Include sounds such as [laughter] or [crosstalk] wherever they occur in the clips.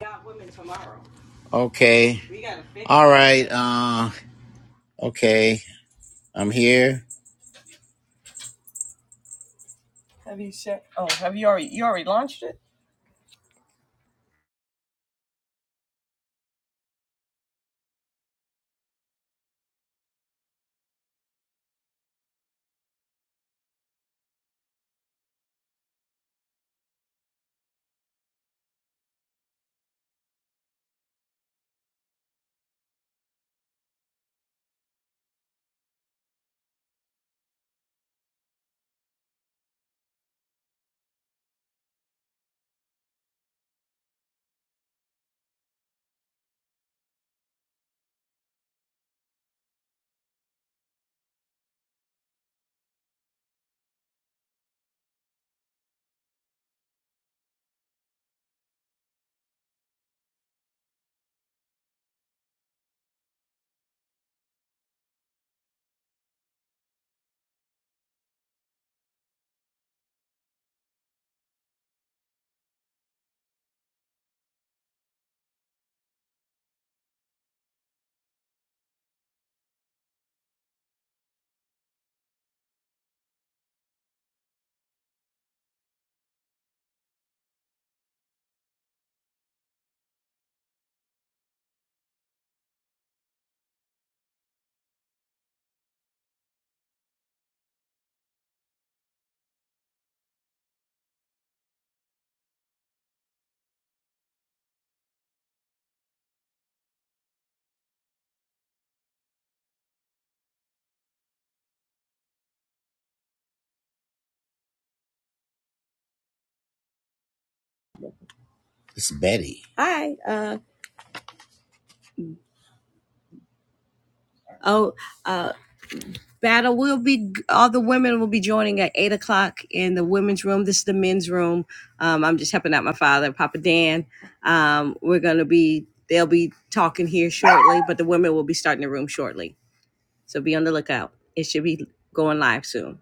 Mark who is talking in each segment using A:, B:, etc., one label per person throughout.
A: got women tomorrow. Okay. We gotta fix All right. Uh, okay. I'm here. Have you said? Oh, have you already? You already launched it? It's Betty. Hi. Uh oh. Uh, battle will be. All the women will be joining at eight o'clock in the women's room. This is the men's room. Um, I'm just helping out my father, Papa Dan. Um, we're gonna be. They'll be talking here shortly, but the women will be starting the room shortly. So be on the lookout. It should be going live soon.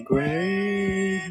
A: great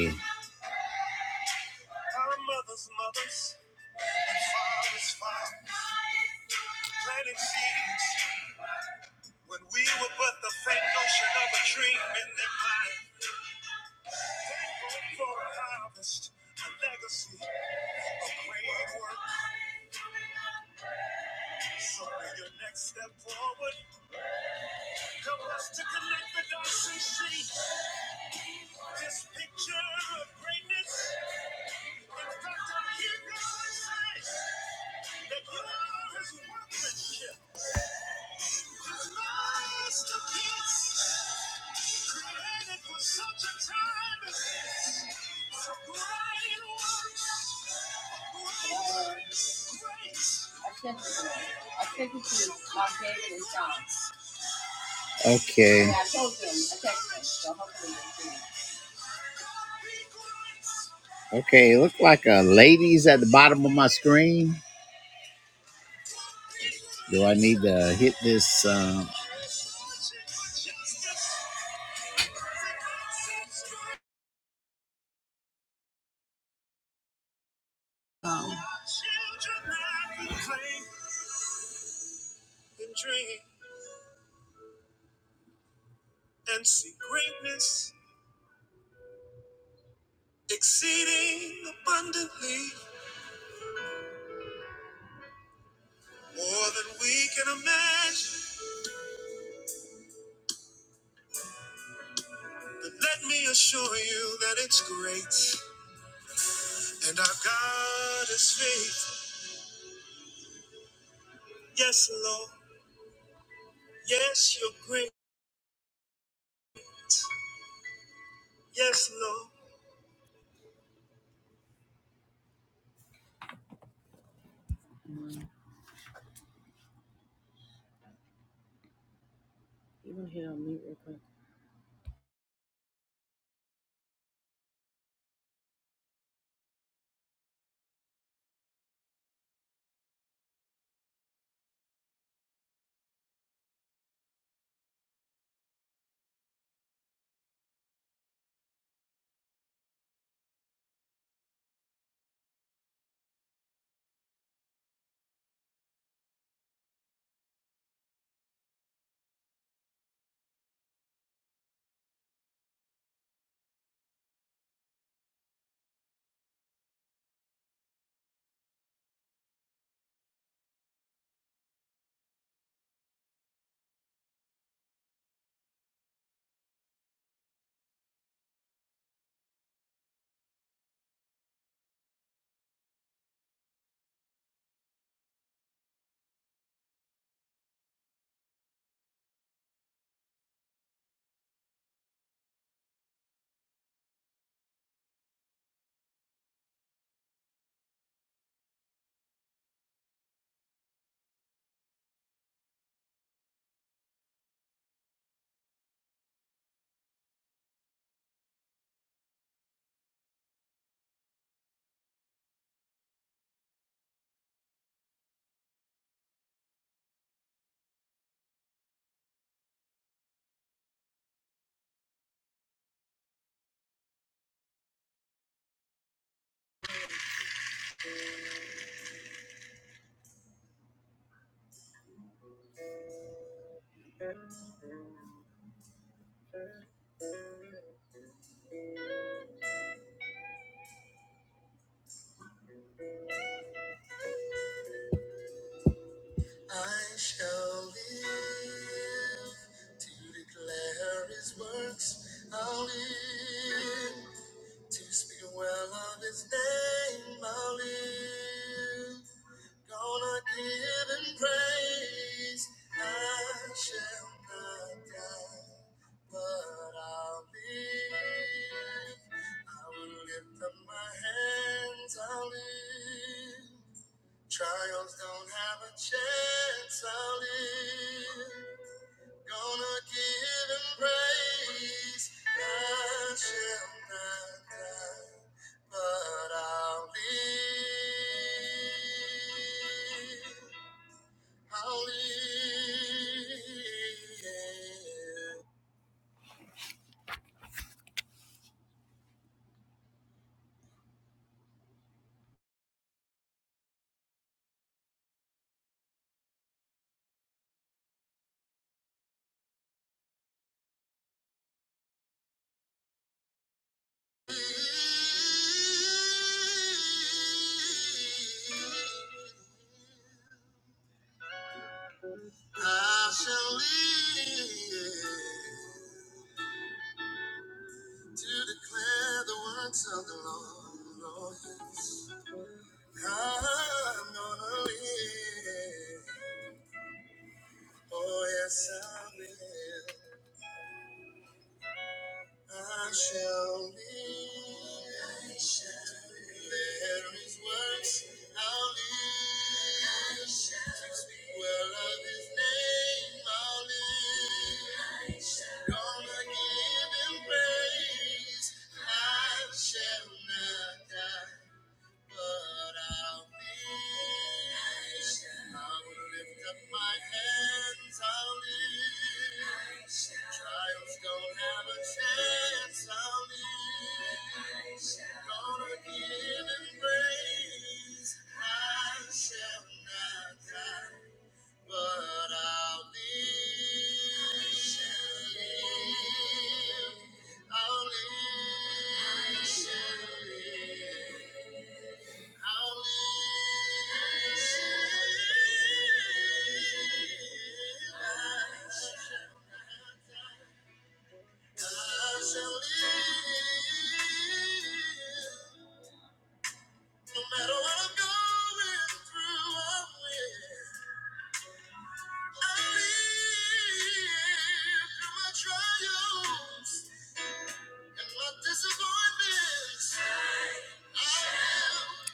A: you. Okay. Okay, Okay, it looked like a ladies at the bottom of my screen. Do I need to hit this? Uh,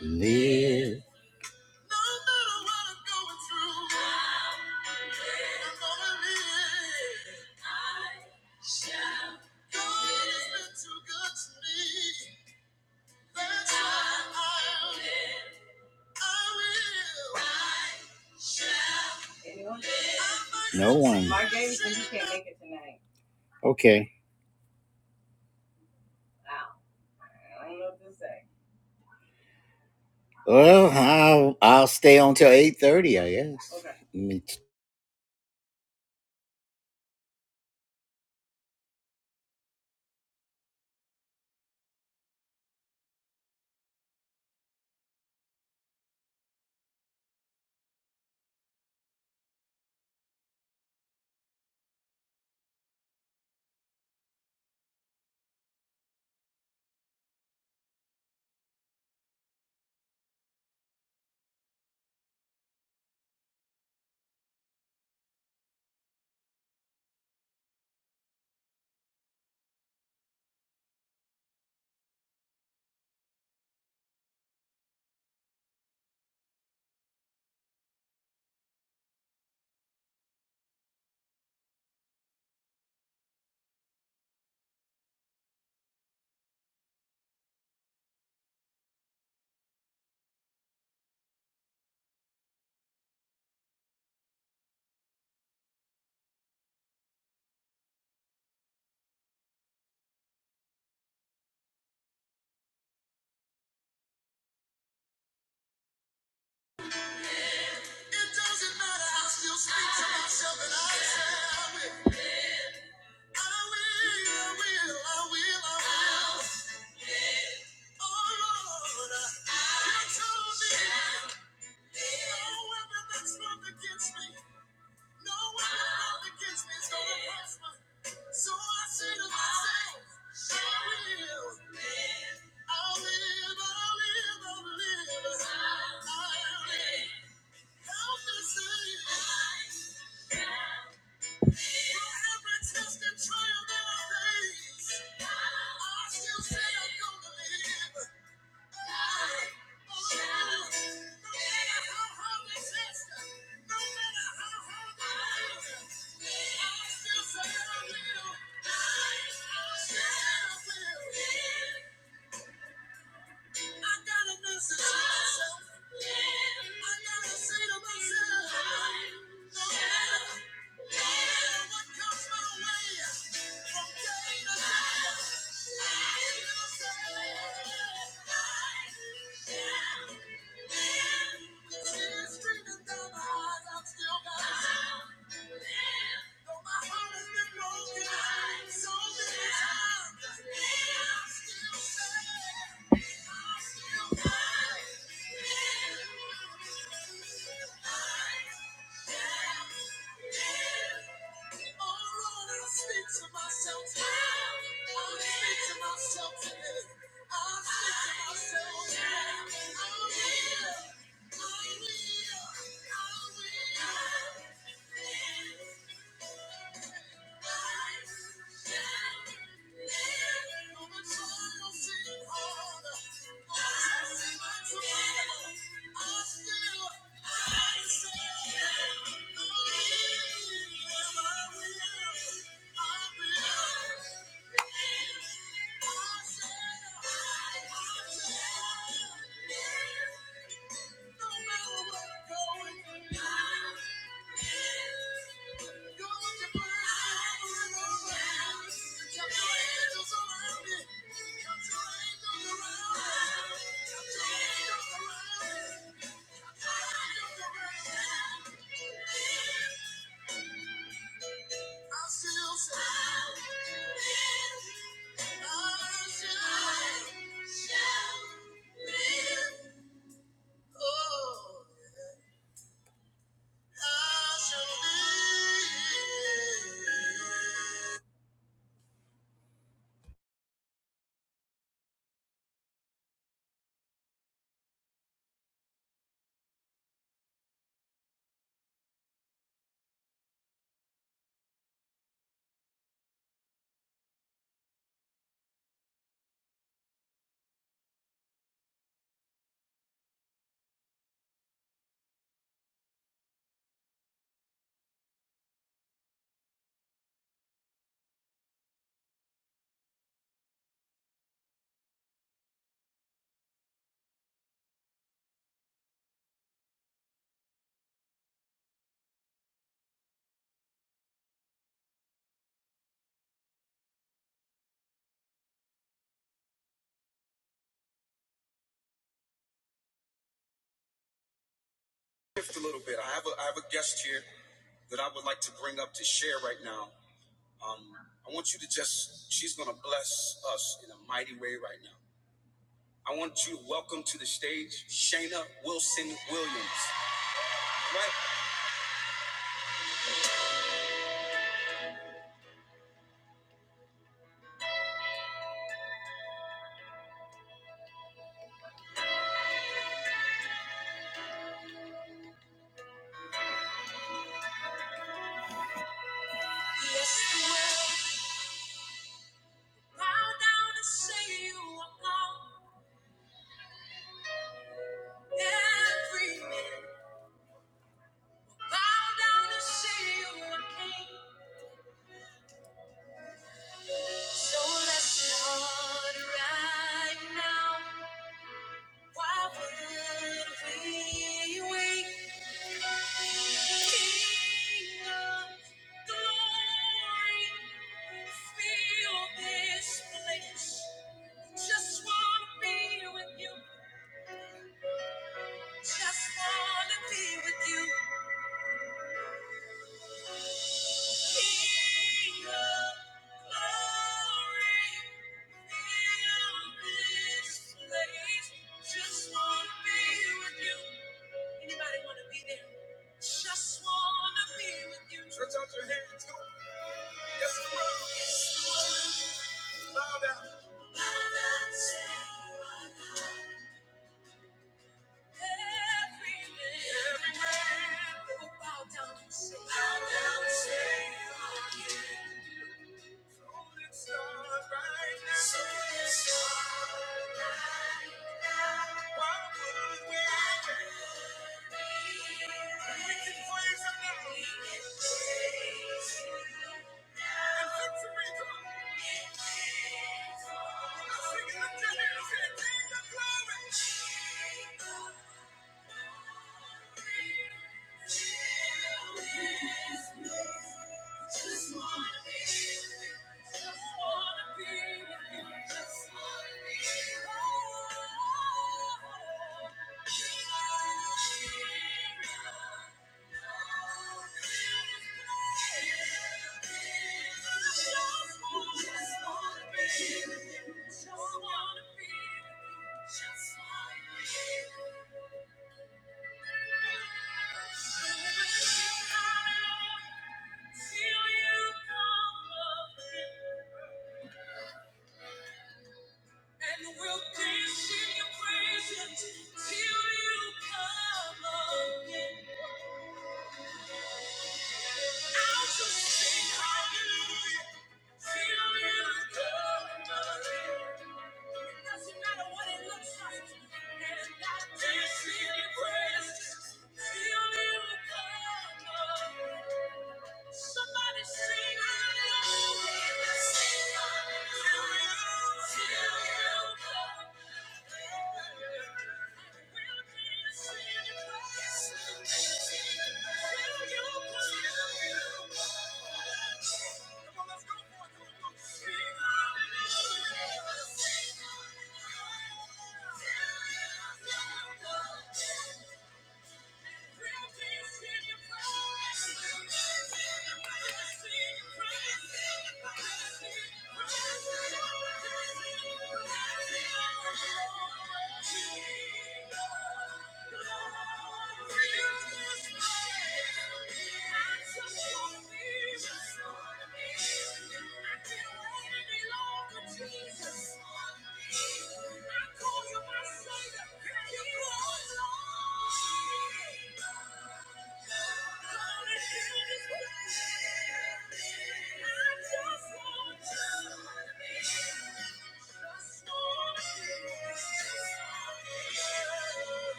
A: live? No one. Okay. Well, I'll I'll stay on till eight thirty, I guess. Okay.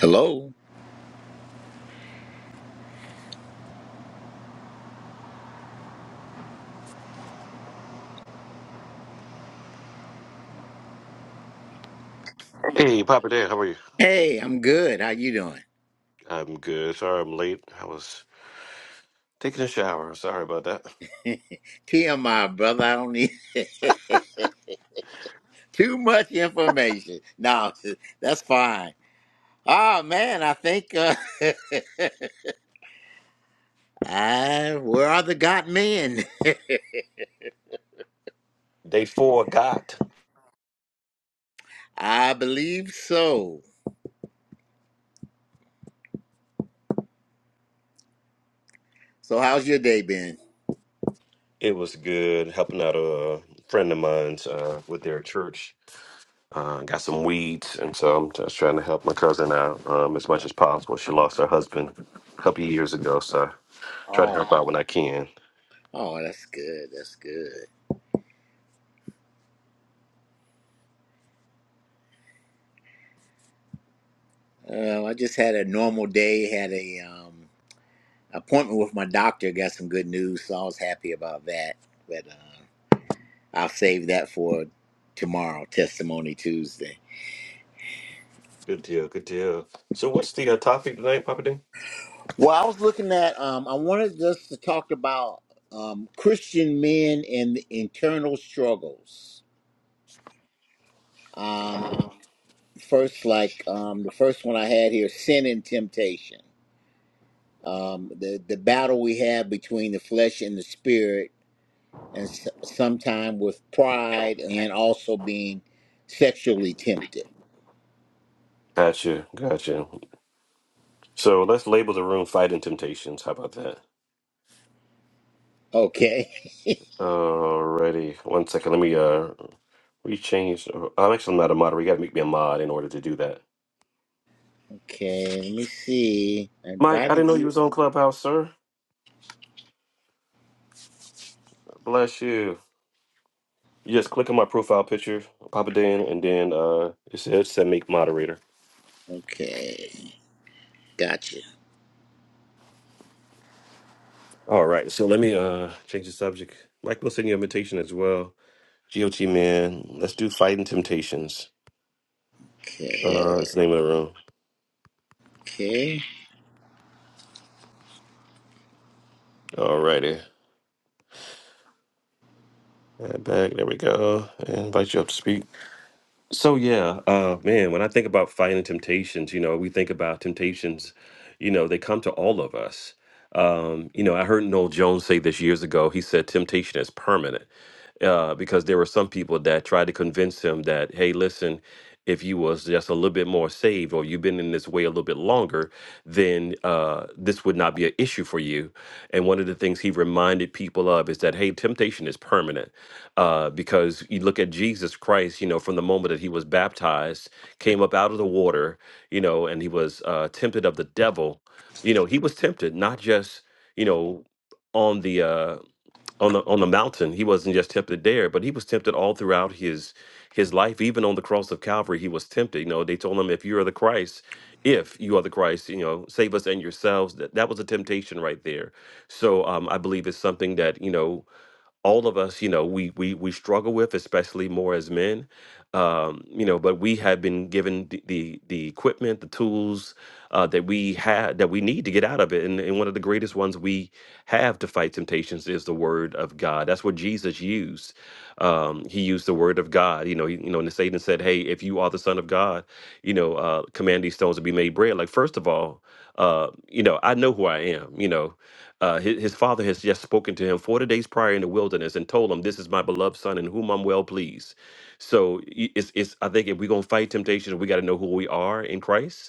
A: Hello.
B: Hey, Papa Dan, how are you?
A: Hey, I'm good. How you doing?
B: I'm good. Sorry I'm late. I was taking a shower. Sorry about that.
A: [laughs] TMI, brother. I don't need [laughs] too much information. No, [laughs] that's fine. Ah, man, I think uh, [laughs] I, where are the God men?
B: Day four got.
A: [laughs] I believe so. So, how's your day been?
B: It was good helping out a friend of mine's uh, with their church. Uh, got some weeds, and so I'm just trying to help my cousin out um, as much as possible. She lost her husband a couple of years ago, so I try to
A: Oh,
B: help out when
A: wow.
B: I can.
A: Oh, that's good. That's good. Uh, I just had a normal day. Had a um, appointment with my doctor. Got some good news, so I was happy about that. But uh, I'll save that for tomorrow, Testimony Tuesday.
B: Good deal, good deal. So, what's the uh, topic tonight, Papa Dan?
A: Well, I was looking at. Um, I wanted us to talk about um, Christian men and the internal struggles. Um, first like um the first one I had here, sin and temptation. Um the the battle we have between the flesh and the spirit and s- sometime with pride and also being sexually tempted.
B: Gotcha, gotcha. So, let's label the room Fighting Temptations. How about that?
A: Okay. [laughs]
B: Alrighty, one second. Let me uh rechange. I'm actually not a moderator. You got to make me a mod in order to do that.
A: Okay, let me see. I
B: Mike, I didn't
A: invited
B: know you
A: you.
B: was on Clubhouse, sir. Bless you. You just click on my profile picture, pop it in, and then uh it said, it said make moderator.
A: Okay. Gotcha.
B: All right, so let me uh change the subject. Mike will send you an invitation as well. GOT man, let's do fighting temptations.
A: Okay.
B: Uh, that's the name of the room.
A: Okay.
B: Alrighty, Uh, back there we go. And invite you up to speak. So yeah, uh, man, when I think about fighting temptations, you know, we think about temptations, you know, they come to all of us. Um, you know, I heard Noel Jones say this years ago. He said temptation is permanent uh, because there were some people that tried to convince him that, hey, listen, if you was just a little bit more saved or you've been in this way a little bit longer, then uh, this would not be an issue for you. And one of the things he reminded people of is that, hey, temptation is permanent uh, because you look at Jesus Christ, you know, from the moment that he was baptized, came up out of the water, you know, and he was uh, tempted of the devil. You know, he was tempted not just, you know, on the uh, on the on the mountain. He wasn't just tempted there, but he was tempted all throughout his his life. Even on the cross of Calvary, he was tempted. You know, they told him, "If you are the Christ, if you are the Christ, you know, save us and yourselves." That that was a temptation right there. So um, I believe it's something that you know all of us, you know, we we we struggle with, especially more as men, um, you know. But we have been given the the, the equipment, the tools uh, that we had that we need to get out of it. And, and one of the greatest ones we have to fight temptations is the Word of God. That's what Jesus used. Um, he used the Word of God. You know, he, you know, and Satan said, "Hey, if you are the Son of God, you know, uh, command these stones to be made bread." Like first of all, uh, you know, I know who I am. You know uh, his, his father has just spoken to him 40 days prior in the wilderness and told him, This is my beloved son in whom I'm well pleased. So i- it's, it's I think if we're going to fight temptation, we got to know who we are in Christ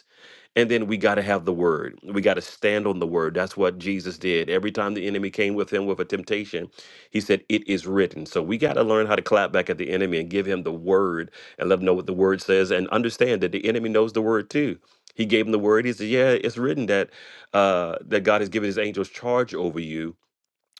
B: and then we got to have the word. We got to stand on the word. That's what Jesus did. Every time the enemy came with him with a temptation, he said, It is written. So we got to learn how to clap back at the enemy and give him the word and let him know what the word says and understand that the enemy knows the word too. He gave him the word. He said, Yeah, it's written that uh, that God has given his angels charge over you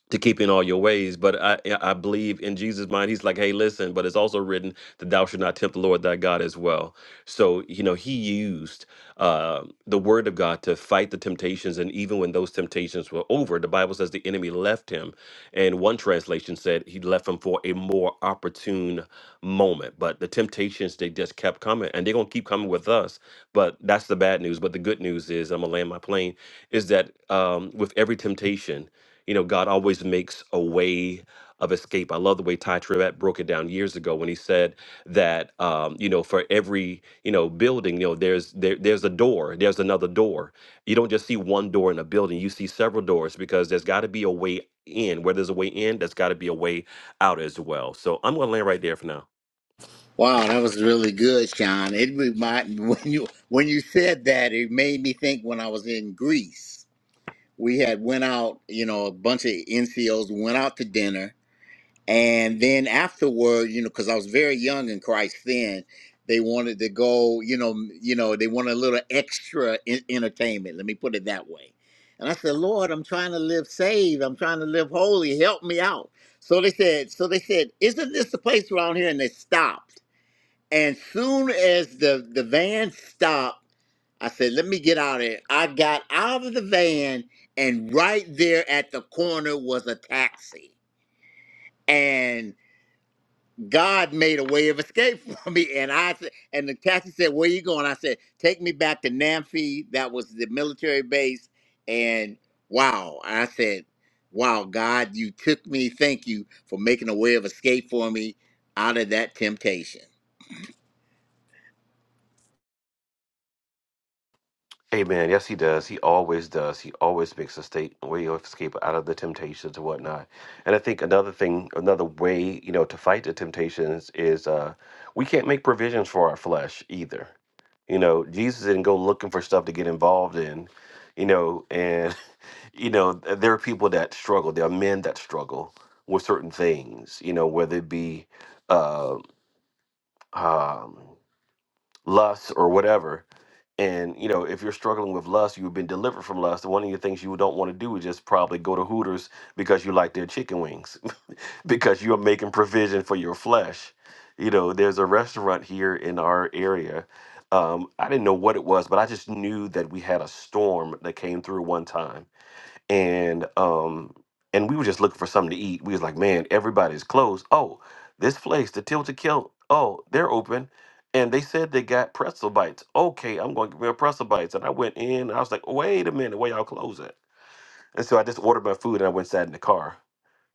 B: to keep in all your ways. But I yeah, I believe in Jesus' mind, he's like, hey, listen, but it's also written that thou should not tempt the Lord thy God as well. So, you know, he used uh, the word of God to fight the temptations. And even when those temptations were over, the Bible says the enemy left him. And one translation said he left him for a more opportune moment. But the temptations, they just kept coming and they're going to keep coming with us. But that's the bad news. But the good news is, I'm going to land my plane, is that um, with every temptation, you know, God always makes a way of escape. I love the way Ty Tribbett broke it down years ago when he said that um, you know, for every you know building, you know, there's there, there's a door, there's another door. You don't just see one door in a building; you see several doors because there's got to be a way in. Where there's a way in, there's got to be a way out as well. So I'm going to land right there for now.
A: Wow, that was really good, Sean. It reminded me [laughs] when you when you said that, it made me think when I was in Greece. we had went out you know a bunch of ncos went out to dinner and then afterward you know because i was very young in christ then they wanted to go you know m- you know they wanted a little extra in- entertainment let me put it that way and i said lord i'm trying to live saved i'm trying to live holy help me out so they said so they said isn't this the place around here and they stopped and soon as the, the van stopped, I said, let me get out of here. I got out of the van, and right there at the corner was a taxi. And God made a way of escape [laughs] for me. And I said, and the taxi said, Where you going? I said, Take me back to Namfi. That was the military base. And wow. I said, Wow, God, you took me. Thank you for making a way of escape for me out of that temptation.
B: Amen. Yes, he does. He always does. He always makes a state way of escape out of the temptations and whatnot. And I think another thing, another way, you know, to fight the temptations is uh we can't make provisions for our flesh either. You know, Jesus didn't go looking for stuff to get involved in, you know, and [laughs] you know, th- there are people that struggle. There are men that struggle with certain things, you know, whether it be uh, um, lust or whatever and you know, if you're struggling with lust, you've been delivered from lust. One of the things you don't want to do is just probably go to Hooters because you like their chicken wings, [laughs] because you're making provision for your flesh. You know, there's a restaurant here in our area. Um, I didn't know what it was, but I just knew that we had a storm that came through one time and um and we were just looking for something to eat. We was like, man, everybody's closed. Oh, this place, the Tilted Kilt. Oh, they're open, and they said they got pretzel bites. Okay, I'm going to get me a pretzel bites. And I went in. And I was like, wait a minute, where y'all close at? And so I just ordered my food and I went sat in the car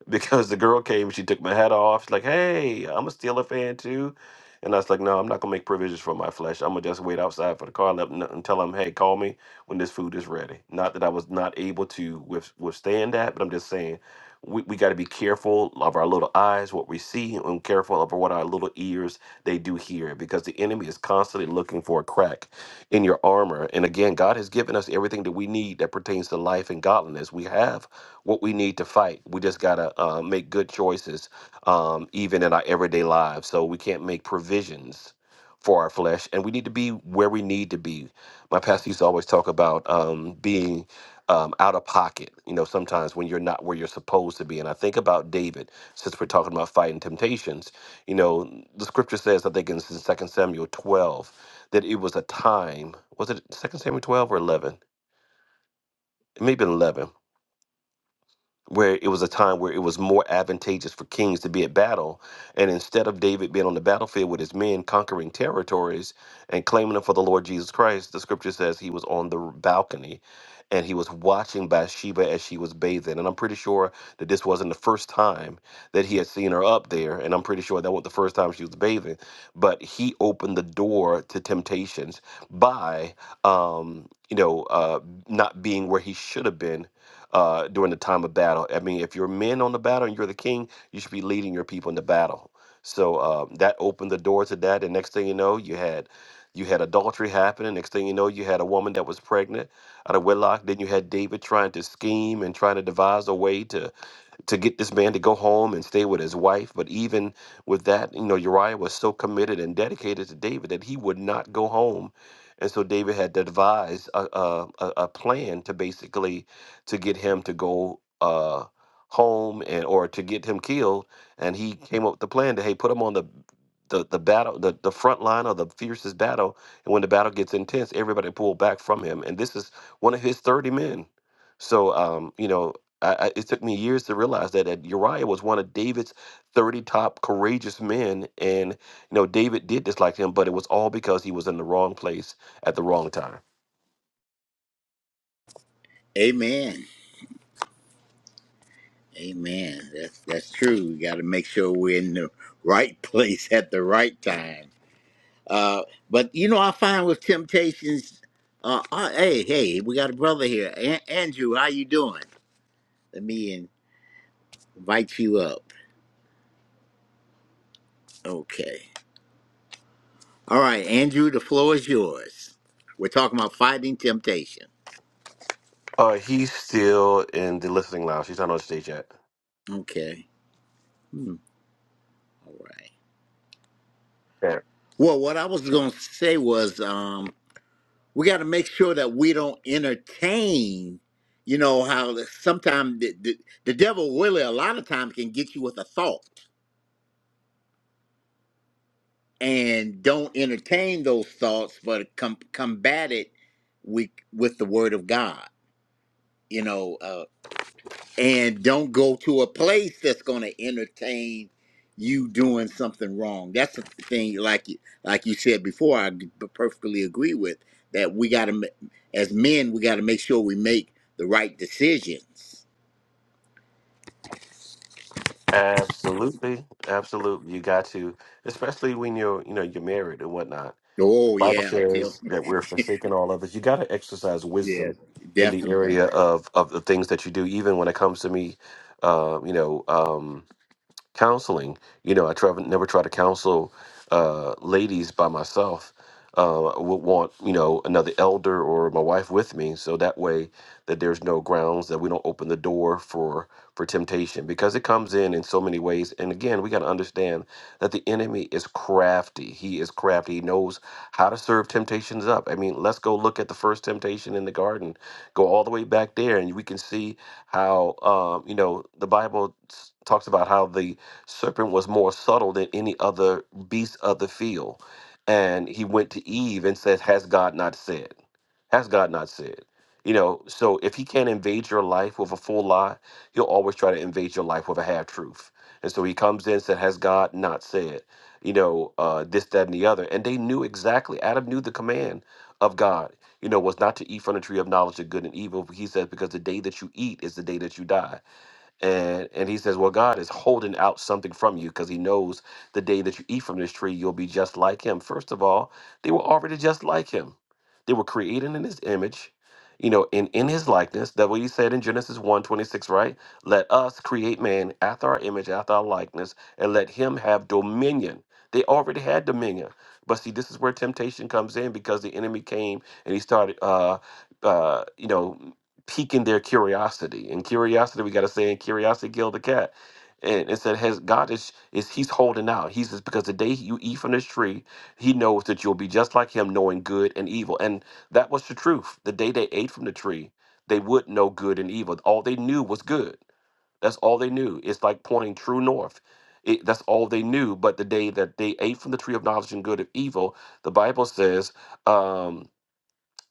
B: because the girl came she took my hat off. She's like, hey, I'm a Steeler fan too. And I was like, no, I'm not going to make provisions for my flesh. I'm going to just wait outside for the car let, and tell them, hey, call me when this food is ready. Not that I was not able to with, withstand that, but I'm just saying we, we got to be careful of our little eyes, what we see, and careful of what our little ears they do hear because the enemy is constantly looking for a crack in your armor. And again, God has given us everything that we need that pertains to life and godliness. We have what we need to fight. We just gotta uh, make good choices, um, even in our everyday lives. So we can't make provisions for our flesh, and we need to be where we need to be. My pastor used to always talk about um, being um, out of pocket. You know, sometimes when you're not where you're supposed to be. And I think about David, since we're talking about fighting temptations. You know, the scripture says, I think in Second Samuel 12, that it was a time. Was it Second Samuel 12 or 11? It may have been 11 where it was a time where it was more advantageous for kings to be at battle. And instead of David being on the battlefield with his men, conquering territories and claiming them for the Lord Jesus Christ, the scripture says he was on the balcony and he was watching Bathsheba as she was bathing. And I'm pretty sure that this wasn't the first time that he had seen her up there. And I'm pretty sure that wasn't the first time she was bathing. But he opened the door to temptations by, um, you know, uh, not being where he should have been uh, during the time of battle. I mean, if you're men on the battle and you're the king, you should be leading your people in the battle. So uh, that opened the door to that. And next thing you know, you had you had adultery happening. Next thing you know, you had a woman that was pregnant out of wedlock. Then you had David trying to scheme and trying to devise a way to to get this man to go home and stay with his wife. But even with that, you know, Uriah was so committed and dedicated to David that he would not go home. And so David had devised a, a, a a plan to basically to get him to go uh, home and or to get him killed. And he came up with the plan to hey, put him on the the, the battle the, the front line of the fiercest battle and when the battle gets intense everybody pull back from him and this is one of his 30 men so um, you know I, I, it took me years to realize that, that Uriah was one of David's 30 top courageous men. And, you know, David did dislike him, but it was all because he was in the wrong place at the wrong time.
A: Amen. Amen. That's that's true. We got to make sure we're in the right [laughs] place at the right time. Uh, but you know, I find with temptations. Uh, uh, hey, hey, we got a brother here, An Andrew. How you doing? Let me invite you up. Okay. All right, Andrew. The floor is yours. We're talking about fighting temptation.
B: Uh, he's still in the listening lounge. He's not on stage yet.
A: Okay. Hmm. All right.
B: Yeah.
A: Well, what I was going to say was, um, we got to make sure that we don't entertain you know how sometimes the, the, the devil really a lot of times can get you with a thought and don't entertain those thoughts but com- combat it with, with the word of god you know uh, and don't go to a place that's going to entertain you doing something wrong. That's the thing, like you, like you said before, I g- perfectly agree with that. We got to, as men, we got to make sure we make the right decisions.
B: Absolutely. Absolutely. You got to, especially when you're, you know, you're married and whatnot.
A: Oh
B: Bible
A: yeah, Tell-
B: says that we're forsaken all others. You got to exercise
A: yeah,
B: wisdom in the
A: definitely.
B: area of, of the things that you do, even when it comes to me, uh, you know, um, counseling. You know, I try, never try to counsel uh, ladies by myself. Uh, I would want you know another elder or my wife with me, so that way that there's no grounds that we don't open the door for for temptation because it comes in in so many ways. And again, we got to understand that the enemy is crafty. He is crafty. He knows how to serve temptations up. I mean, let's go look at the first temptation in the garden. Go all the way back there, and we can see how um, you know the Bible s- talks about how the serpent was more subtle than any other beast of the field. And he went to Eve and says, Has God not said? Has God not said? You know, so if he can't invade your life with a full lie, he'll always try to invade your life with a half truth. And so he comes in and said, Has God not said? You know, uh, this, that, and the other. And they knew exactly. Adam knew the command of God, you know, was not to eat from the tree of knowledge of good and evil. He says, Because the day that you eat is the day that you die and and he says well god is holding out something from you because he knows the day that you eat from this tree you'll be just like him first of all they were already just like him they were created in his image you know in in his likeness that what he said in genesis one 26, right let us create man after our image after our likeness and let him have dominion they already had dominion but see this is where temptation comes in because the enemy came and he started uh uh you know piquing their curiosity. And curiosity, we got to say, and curiosity killed the cat. And it said, "Has God is is He's holding out? He says because the day you eat from this tree, He knows that you'll be just like Him, knowing good and evil. And that was the truth. The day they ate from the tree, they would know good and evil. All they knew was good. That's all they knew. It's like pointing true north. It, that's all they knew. But the day that they ate from the tree of knowledge and good of evil, the Bible says." Um,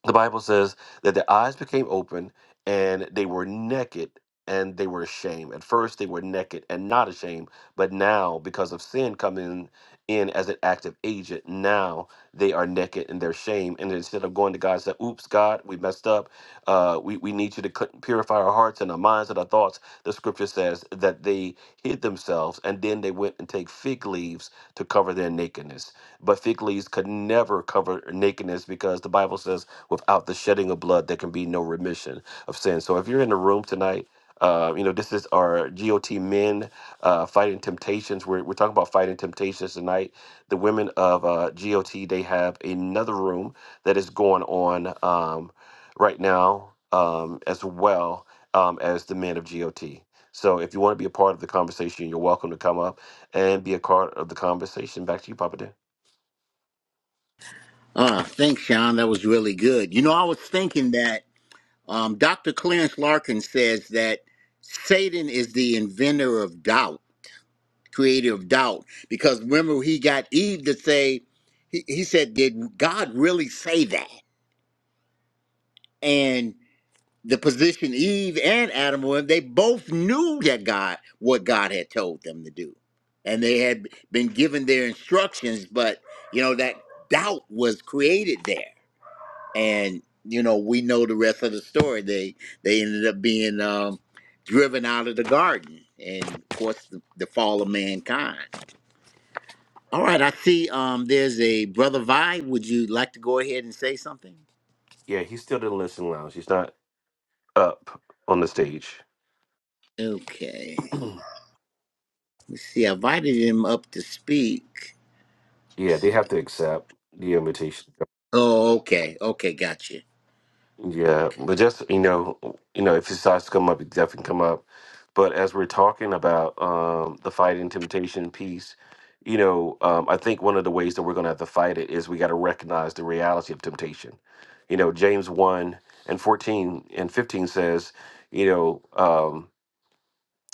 B: the Bible says that their eyes became open and they were naked and they were ashamed. At first, they were naked and not ashamed, but now, because of sin coming in as an active agent, now they are naked and they're ashamed. And instead of going to God and say, Oops, God, we messed up. Uh, we, we need you to cl- purify our hearts and our minds and our thoughts. The scripture says that they hid themselves and then they went and take fig leaves to cover their nakedness. But fig leaves could never cover nakedness because the Bible says, Without the shedding of blood, there can be no remission of sin. So if you're in the room tonight, uh, you know, this is our GOT men uh, fighting temptations. We're, we're talking about fighting temptations tonight. The women of uh, GOT, they have another room that is going on um, right now um, as well um, as the men of GOT. So if you want to be a part of the conversation, you're welcome to come up and be a part of the conversation. Back to you, Papa Dan.
A: Uh, thanks, Sean. That was really good. You know, I was thinking that um, Dr. Clarence Larkin says that Satan is the inventor of doubt creative doubt because remember he got Eve to say he, he said did God really say that and the position Eve and Adam were in they both knew that God what God had told them to do and they had been given their instructions but you know that doubt was created there and you know we know the rest of the story they they ended up being um driven out of the garden and of course the, the fall of mankind All right, I see um there's a brother Vi. Would you like to go ahead and say something?
B: Yeah, he's still in the listening lounge. He's not up on the stage.
A: Okay.
B: [clears throat]
A: Let's see. I invited him up to speak. Let's
B: yeah, they
A: see.
B: have to accept the invitation.
A: Oh, okay. Okay, gotcha.
B: Yeah,
A: Okay.
B: but just you know, you know, if it starts to come up, it definitely come up. But as we're talking about um, the fighting temptation piece, you know, um, I think one of the ways that we're going to have to fight it is we got to recognize the reality of temptation. You know, James one and fourteen and fifteen says, you know. Um,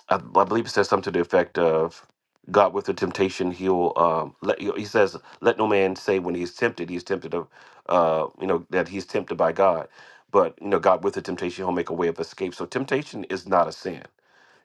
B: I, I believe it says something to the effect of God with the temptation he'll um let you he says let no man say when he's tempted he's tempted of uh you know that he's tempted by God but you know God with the temptation he'll make a way of escape so temptation is not a sin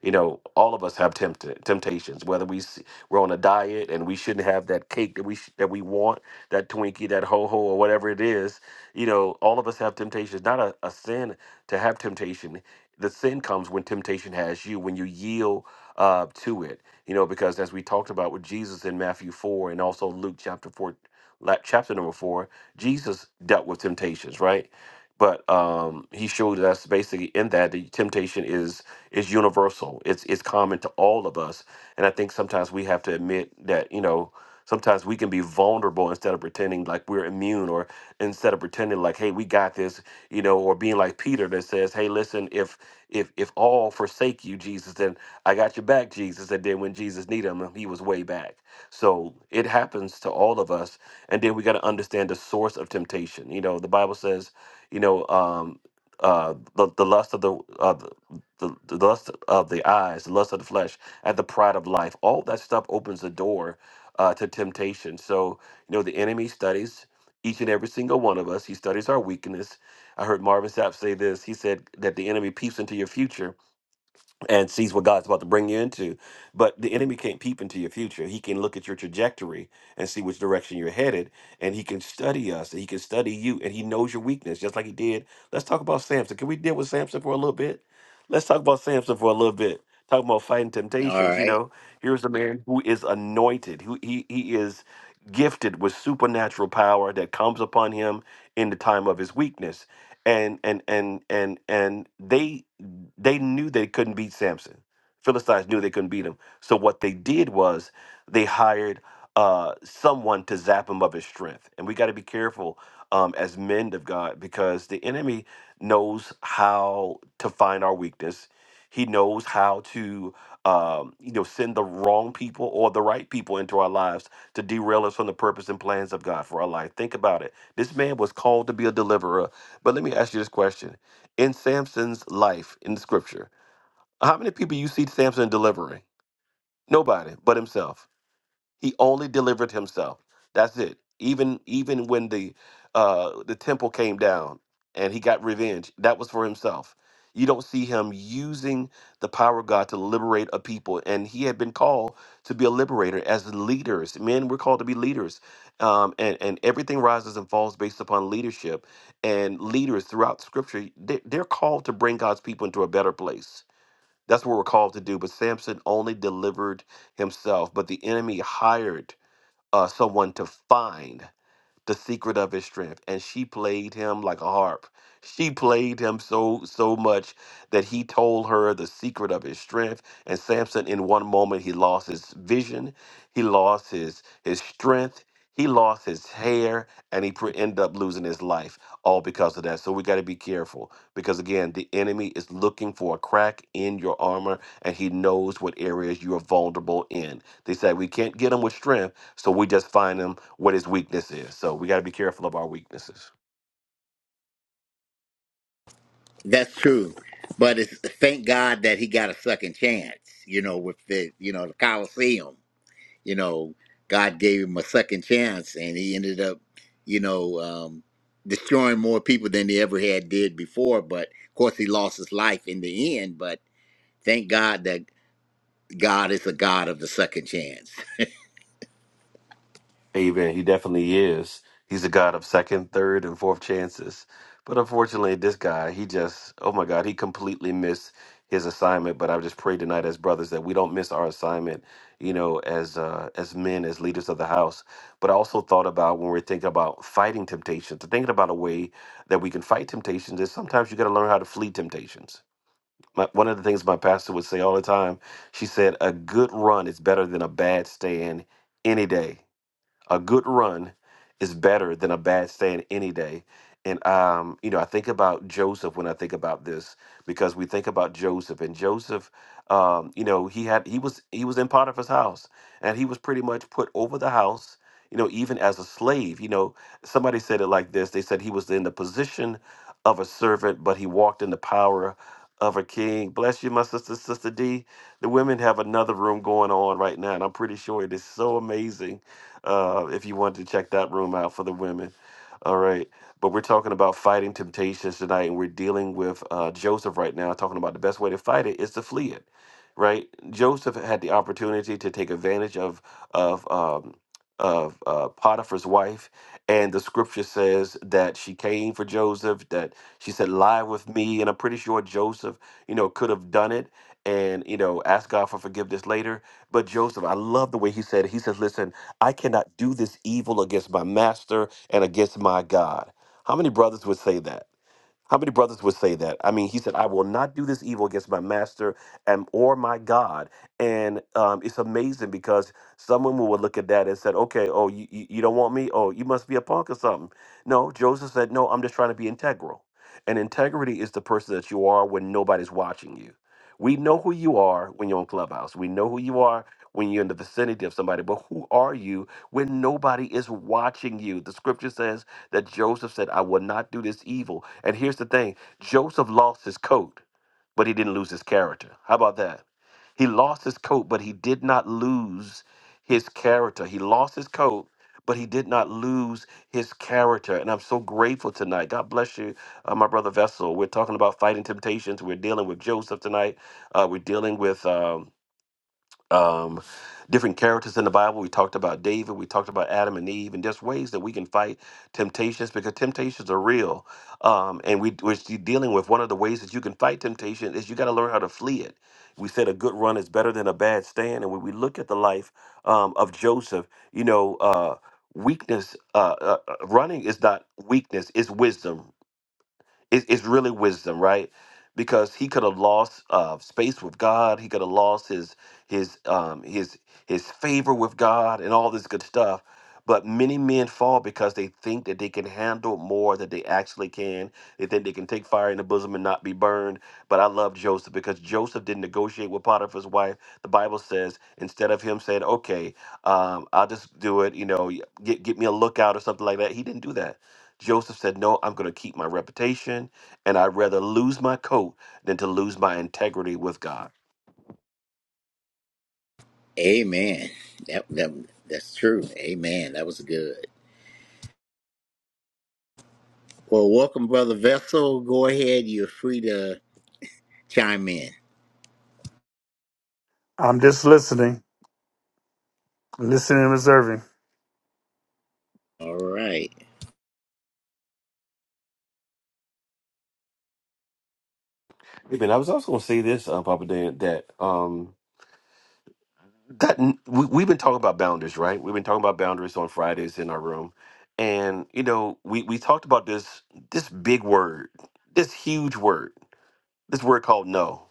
B: you know all of us have tempted temptations whether we s- we're on a diet and we shouldn't have that cake that we sh- that we want that Twinkie that ho ho or whatever it is you know all of us have temptations not a, a sin to have temptation. The sin comes when temptation has you, when you yield uh, to it. You know, because as we talked about with Jesus in Matthew 4 and also Luke chapter 4, la- chapter number 4, Jesus dealt with temptations, right? But um, he showed us basically in that the temptation is is universal. It's it's common to all of us, and I think sometimes we have to admit that you know Sometimes we can be vulnerable instead of pretending like we're immune or instead of pretending like, hey, we got this, you know, or being like Peter that says, Hey, listen, if if if all forsake you, Jesus, then I got your back, Jesus. And then when Jesus needed him, he was way back. So it happens to all of us. And then we got to understand the source of temptation. You know, the Bible says, you know, um, uh, the, the lust of the, uh, the the the lust of the eyes, the lust of the flesh, and the pride of life. All that stuff opens the door uh, to temptation. So, you know, the enemy studies each and every single one of us. He studies our weakness. I heard Marvin Sapp say this. He said that the enemy peeps into your future and sees what God's about to bring you into. But the enemy can't peep into your future. He can look at your trajectory and see which direction you're headed, and he can study us, and he can study you, and he knows your weakness, just like he did. Let's talk about Samson. Can we deal with Samson for a little bit? Let's talk about Samson for a little bit. Talking about fighting
A: All
B: temptations, you
A: right.
B: know, here's a man who is anointed, who he he is gifted with supernatural power that comes upon him in the time of his weakness. And and and and and they they knew they couldn't beat Samson. Philistines knew they couldn't beat him. So what they did was they hired uh, someone to zap him of his strength. And we got to be careful um, as men of God because the enemy knows how to find our weakness. He knows how to, um, you know, send the wrong people or the right people into our lives to derail us from the purpose and plans of God for our life. Think about it. This man was called to be a deliverer, but let me ask you this question: in Samson's life in the scripture? How many people you see Samson delivering? Nobody but himself. He only delivered himself. That's it. Even even when the uh, the temple came down and he got revenge, that was for himself. You don't see him using the power of God to liberate a people, and he had been called to be a liberator as leaders. Men were called to be leaders, um, and and everything rises and falls based upon leadership. And leaders throughout Scripture, they- they're called to bring God's people into a better place that's what we're called to do. But Samson only delivered himself, but the enemy hired uh, someone to find the secret of his strength and she played him like a harp she played him so so much that he told her the secret of his strength and samson in one moment he lost his vision he lost his his strength he lost his hair and he pre- ended up losing his life all because of that so we got to be careful because again the enemy is looking for a crack in your armor and he knows what areas you are vulnerable in they say we can't get him with strength so we just find him what his weakness is. So we got to be careful of our weaknesses.
A: That's true. But it's thank God that he got a second chance, you know, with the you know, the Coliseum. You know, God gave him a second chance and he ended up, you know, um destroying more people than he ever had did before. But of course he lost his life in the end, but Thank God that God is a God of the second chance.
B: Amen. He definitely is. He's a God of second, third, and fourth chances. But unfortunately, this guy, he just, oh my God, he completely missed his assignment. But I just pray tonight as brothers that we don't miss our assignment, you know, as uh, as men, as leaders of the house. But I also thought about when we're thinking about fighting temptations, thinking about a way that we can fight temptations is sometimes you got to learn how to flee temptations my, one of the things my pastor would say all the time she said a good run is better than a bad stand any day a good run is better than a bad stand any day. And um, you know, I think about Joseph when I think about this because we think about Joseph and Joseph. Um, you know, he had he was he was in Potiphar's house and he was pretty much put over the house. You know, even as a slave. You know, somebody said it like this. They said he was in the position of a servant, but he walked in the power of a king. Bless you, my sister, sister D. The women have another room going on right now, and I'm pretty sure it is so amazing uh, if you wanted to check that room out for the women. All right. But we're talking about fighting temptations tonight, and we're dealing with uh, Joseph right now, talking about the best way to fight it is to flee it, right? Joseph had the opportunity to take advantage of of um, of uh, Potiphar's wife, and the scripture says that she came for Joseph, that she said, "Lie with me," and I'm pretty sure Joseph, you know, could have done it, and you know, ask God for forgiveness later. But Joseph, I love the way he said. it. He says, "Listen." I cannot do this evil against my master and against my God. How many brothers would say that? How many brothers would say that? I mean, he said, I will not do this evil against my master and or my God. And um, it's amazing because some women would look at that and said, okay, oh, you, you you don't want me? Oh, you must be a punk or something. No, Joseph said, no, I'm just trying to be integral. And integrity is the person that you are when nobody's watching you. We know who you are when you're on Clubhouse. We know who you are when you're in the vicinity of somebody. But who are you when nobody is watching you? The scripture says that Joseph said, I will not do this evil. And here's the thing Joseph lost his coat, but he didn't lose his character. How about that? He lost his coat, but he did not lose his character. He lost his coat. But he did not lose his character. And I'm so grateful tonight. God bless you, uh, my brother Vessel. We're talking about fighting temptations. We're dealing with Joseph tonight. Uh, we're dealing with um, um, different characters in the Bible. We talked about David. We talked about Adam and Eve, and just ways that we can fight temptations because temptations are real. Um, and we, we're still dealing with one of the ways that you can fight temptation is you got to learn how to flee it. We said a good run is better than a bad stand. And when we look at the life um, of Joseph, you know, uh, weakness, uh, uh, uh, running is not weakness, it's wisdom. It, it's really wisdom, right? Because he could have lost uh, space with God. He could have lost his his um, his his favor with God and all this good stuff. But many men fall because they think that they can handle more than they actually can. They think they can take fire in the bosom and not be burned. But I love Joseph because Joseph didn't negotiate with Potiphar's wife. The Bible says instead of him saying, "Okay, um, I'll just do it," you know, get get me a lookout or something like that. He didn't do that Joseph said, No, I'm going to keep my reputation, and I'd rather lose my coat than to lose my integrity with God.
A: Amen. That, that that's true. Amen. That was good. Well, welcome, brother Vessel. Go ahead. You're free to chime in.
C: I'm just listening, listening and observing.
A: All right.
B: Amen. I was also going to say this, uh, Papa Dan, that um, that we, we've been talking about boundaries, right? We've been talking about boundaries on Fridays in our room, and you know, we we talked about this this big word, this huge word, this word called no.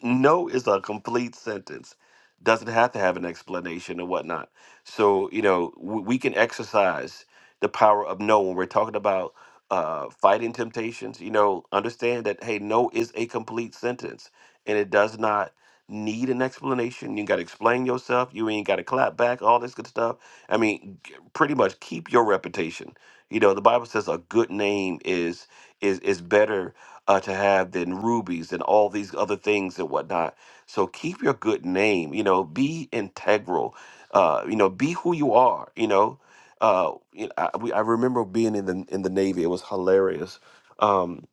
B: [laughs] no is a complete sentence. Doesn't have to have an explanation or whatnot. So you know we, we can exercise the power of no when we're talking about uh, fighting temptations. You know, understand that hey, no is a complete sentence, and it does not need an explanation. You got to explain yourself. You ain't got to clap back. All this good stuff. I mean, g- pretty much keep your reputation. You know, the Bible says a good name is is is better uh, to have than rubies and all these other things and whatnot. So keep your good name, you know, be integral, uh, you know, be who you are, you know. Uh, you know, I, we, I remember being in the in the Navy. It was hilarious um,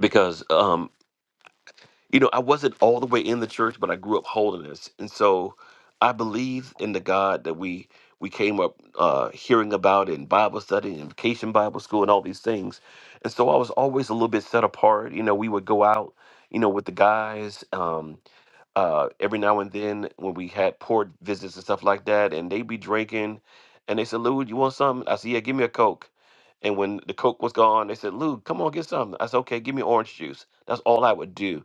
B: because um, you know, I wasn't all the way in the church, but I grew up holiness, and so I believe in the God that we we came up uh, hearing about in Bible study and vacation Bible school and all these things, and so I was always a little bit set apart. You know, we would go out, you know, with the guys um, uh, every now and then when we had port visits and stuff like that, and they'd be drinking, and they said, "Lou, you want something?" I said, "Yeah, give me a coke." And when the Coke was gone, they said, Lou, come on, get something. I said, okay, give me orange juice. That's all I would do.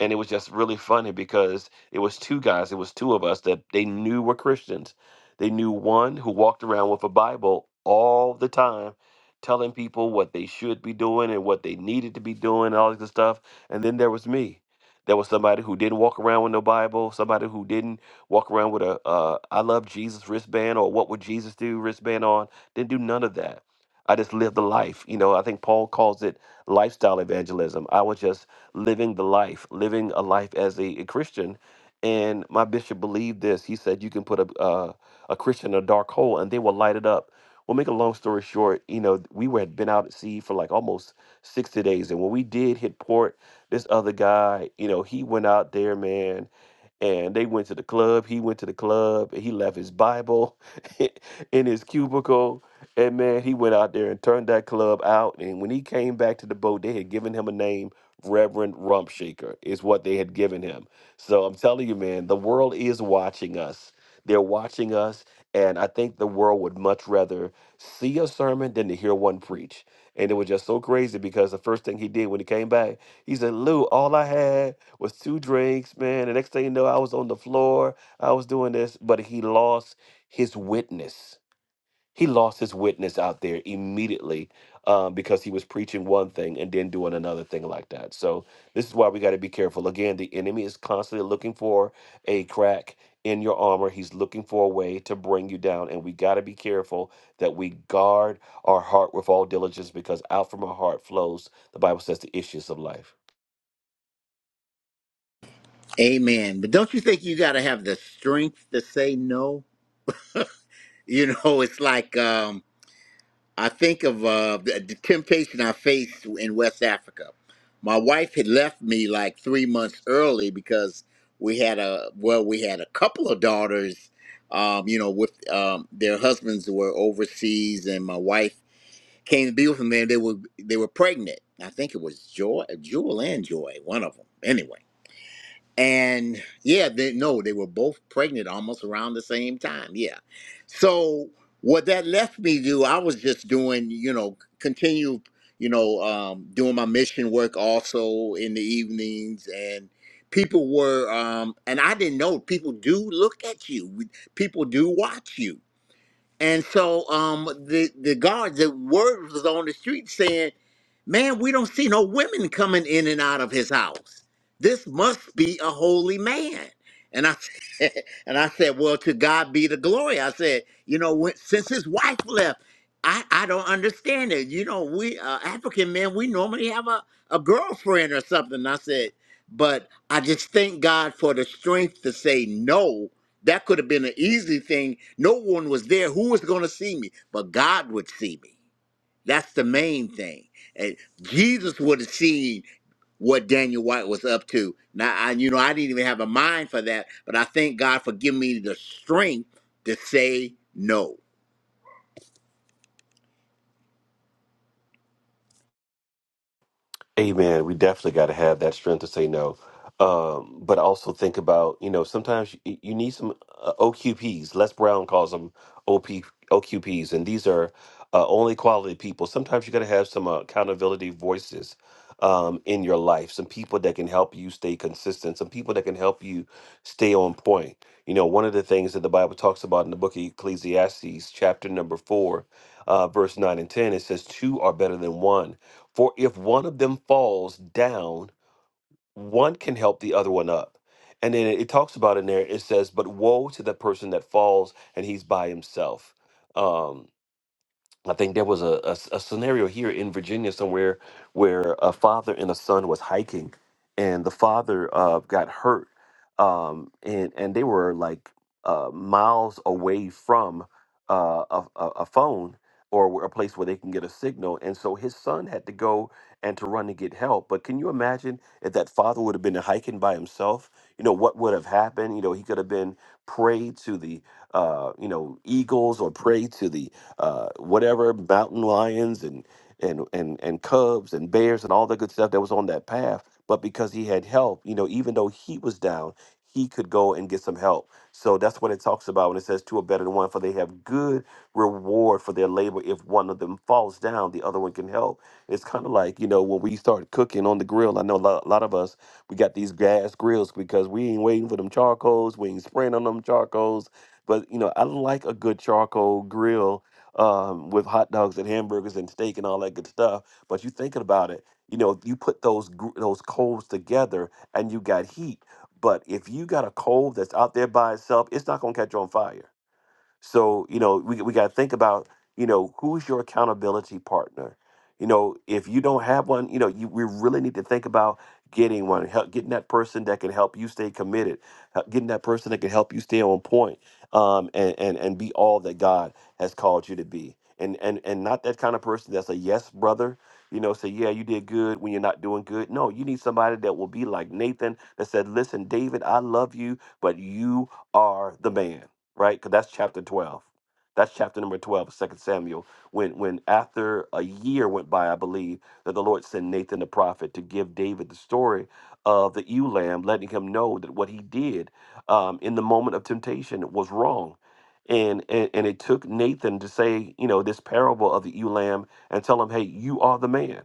B: And it was just really funny because it was two guys, it was two of us that they knew were Christians. They knew one who walked around with a Bible all the time, telling people what they should be doing and what they needed to be doing, and all this good stuff. And then there was me. There was somebody who didn't walk around with no Bible, somebody who didn't walk around with a uh, I love Jesus wristband or what would Jesus do wristband on, didn't do none of that I just lived the life. You know, I think Paul calls it lifestyle evangelism. I was just living the life, living a life as a, a Christian. And my bishop believed this. He said, you can put a, uh, a Christian in a dark hole and they will light it up. Well, make a long story short, you know, we were, had been out at sea for like almost 60 days. And when we did hit port, this other guy, you know, he went out there, man, and they went to the club. He went to the club. and He left his Bible [laughs] in his cubicle and man, he went out there and turned that club out. And when he came back to the boat, they had given him a name, Reverend Rumpshaker, is what they had given him. So I'm telling you, man, the world is watching us. They're watching us. And I think the world would much rather see a sermon than to hear one preach. And it was just so crazy because the first thing he did when he came back, he said, Lou, all I had was two drinks, man. The next thing you know, I was on the floor. I was doing this, but he lost his witness he lost his witness out there immediately um, because he was preaching one thing and then doing another thing like that. So this is why we got to be careful. Again, the enemy is constantly looking for a crack in your armor. He's looking for a way to bring you down, and we got to be careful that we guard our heart with all diligence because out from our heart flows, the Bible says, the issues of life.
A: Amen. But don't you think you got to have the strength to say no? You know, [laughs] it's like um I think of uh, the, the temptation I faced in West Africa. My wife had left me like three months early because we had a well, we had a couple of daughters, um, you know, with um, their husbands were overseas, and my wife came to be with them. And they were they were pregnant. I think it was Joy, Jewel, and Joy, one of them. Anyway and yeah they no they were both pregnant almost around the same time yeah so what that left me to do i was just doing you know continue you know um, doing my mission work also in the evenings and people were um, and i didn't know people do look at you people do watch you and so um, the the guards, the word was on the street saying, "Man, we don't see no women coming in and out of his house. This must be a holy man." And I [laughs] said, and I said, "Well, to God be the glory." I said, "You know, when, since his wife left, I I don't understand it. You know, we uh, African men, we normally have a a girlfriend or something." I said, "But I just thank God for the strength to say no." That could have been an easy thing. No one was there. Who was going to see me? But God would see me. That's the main thing. And Jesus would have seen what Daniel White was up to. Now, I, you know, I didn't even have a mind for that, but I thank God for giving me the strength to say no.
B: Amen. We definitely got to have that strength to say no. Um, but also think about, you know, sometimes you, you need some uh, OQPs. Les Brown calls them OP, OQPs, and these are uh, only quality people. Sometimes you got to have some uh, accountability voices um, in your life, some people that can help you stay consistent, some people that can help you stay on point. You know, one of the things that the Bible talks about in the book of Ecclesiastes, chapter number four, uh, verse 9 and 10, it says, Two are better than one for if one of them falls down, one can help the other one up. And then it talks about in there, it says, But woe to the person that falls and he's by himself. Um, I think there was a a a scenario here in Virginia somewhere where a father and a son was hiking, and the father uh, got hurt, um, and and they were like uh, miles away from uh, a, a a phone or where- a place where they can get a signal, and so his son had to go and to run to get help. But can you imagine if that father would have been hiking by himself? You know what would have happened? You know he could have been prey to the uh, you know eagles or prey to the uh, whatever mountain lions and and and and cubs and bears and all the good stuff that was on that path. But because he had help, you know, even though he was down, he could go and get some help. So that's what it talks about when it says two are better than one, for they have good reward for their labor. If one of them falls down, the other one can help. It's kind of like you know when we start cooking on the grill. I know a lot, a lot of us we got these gas grills because we ain't waiting for them charcoals. We ain't spraying on them charcoals. But you know, I like a good charcoal grill um, with hot dogs and hamburgers and steak and all that good stuff. But you thinking about it, you know, you put those gr- those coals together and you got heat. But if you got a coal that's out there by itself, it's not gonna catch on fire so, you know, we, we got to think about, you know, who's your accountability partner? You know, if you don't have one, you know, you, we really need to think about getting one, help, getting that person that can help you stay committed, uh, getting that person that can help you stay on point um, and, and, and be all that God has called you to be. And, and, and not that kind of person that's a yes brother, you know, say, yeah, you did good when you're not doing good. No, you need somebody that will be like Nathan that said, listen, David, I love you, but you are the man right? Because that's chapter 12. That's chapter number 12 of 2 Samuel. When, when after a year went by, I believe, that the Lord sent Nathan the prophet to give David the story of the ewe lamb, letting him know that what he did um, in the moment of temptation was wrong. And, and and it took Nathan to say, you know, this parable of the ewe lamb and tell him, hey, you are the man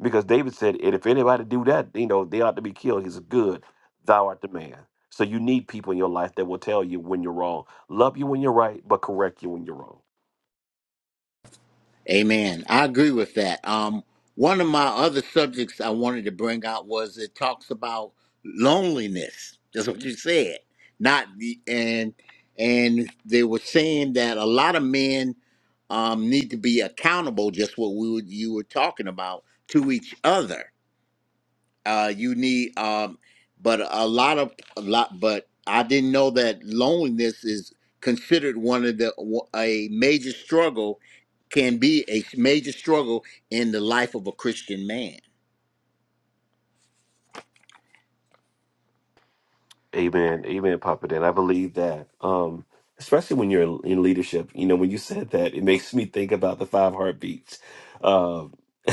B: because David said, "And if anybody do that, you know they ought to be killed." He said, "Good, thou art the man." So you need people in your life that will tell you when you're wrong, love you when you're right, but correct you when you're wrong.
A: Amen. I agree with that. Um, one of my other subjects I wanted to bring out was it talks about loneliness. That's what you said. Not the and and they were saying that a lot of men um, need to be accountable, just what we were, you were talking about, to each other uh you need um but a lot of a lot but i didn't know that loneliness is considered one of the a major struggle can be a major struggle in the life of a christian man
B: Amen. Amen, Papa Dan. I believe that. Um, especially when you're in leadership, you know, when you said that, it makes me think about the five heartbeats. Um, [laughs]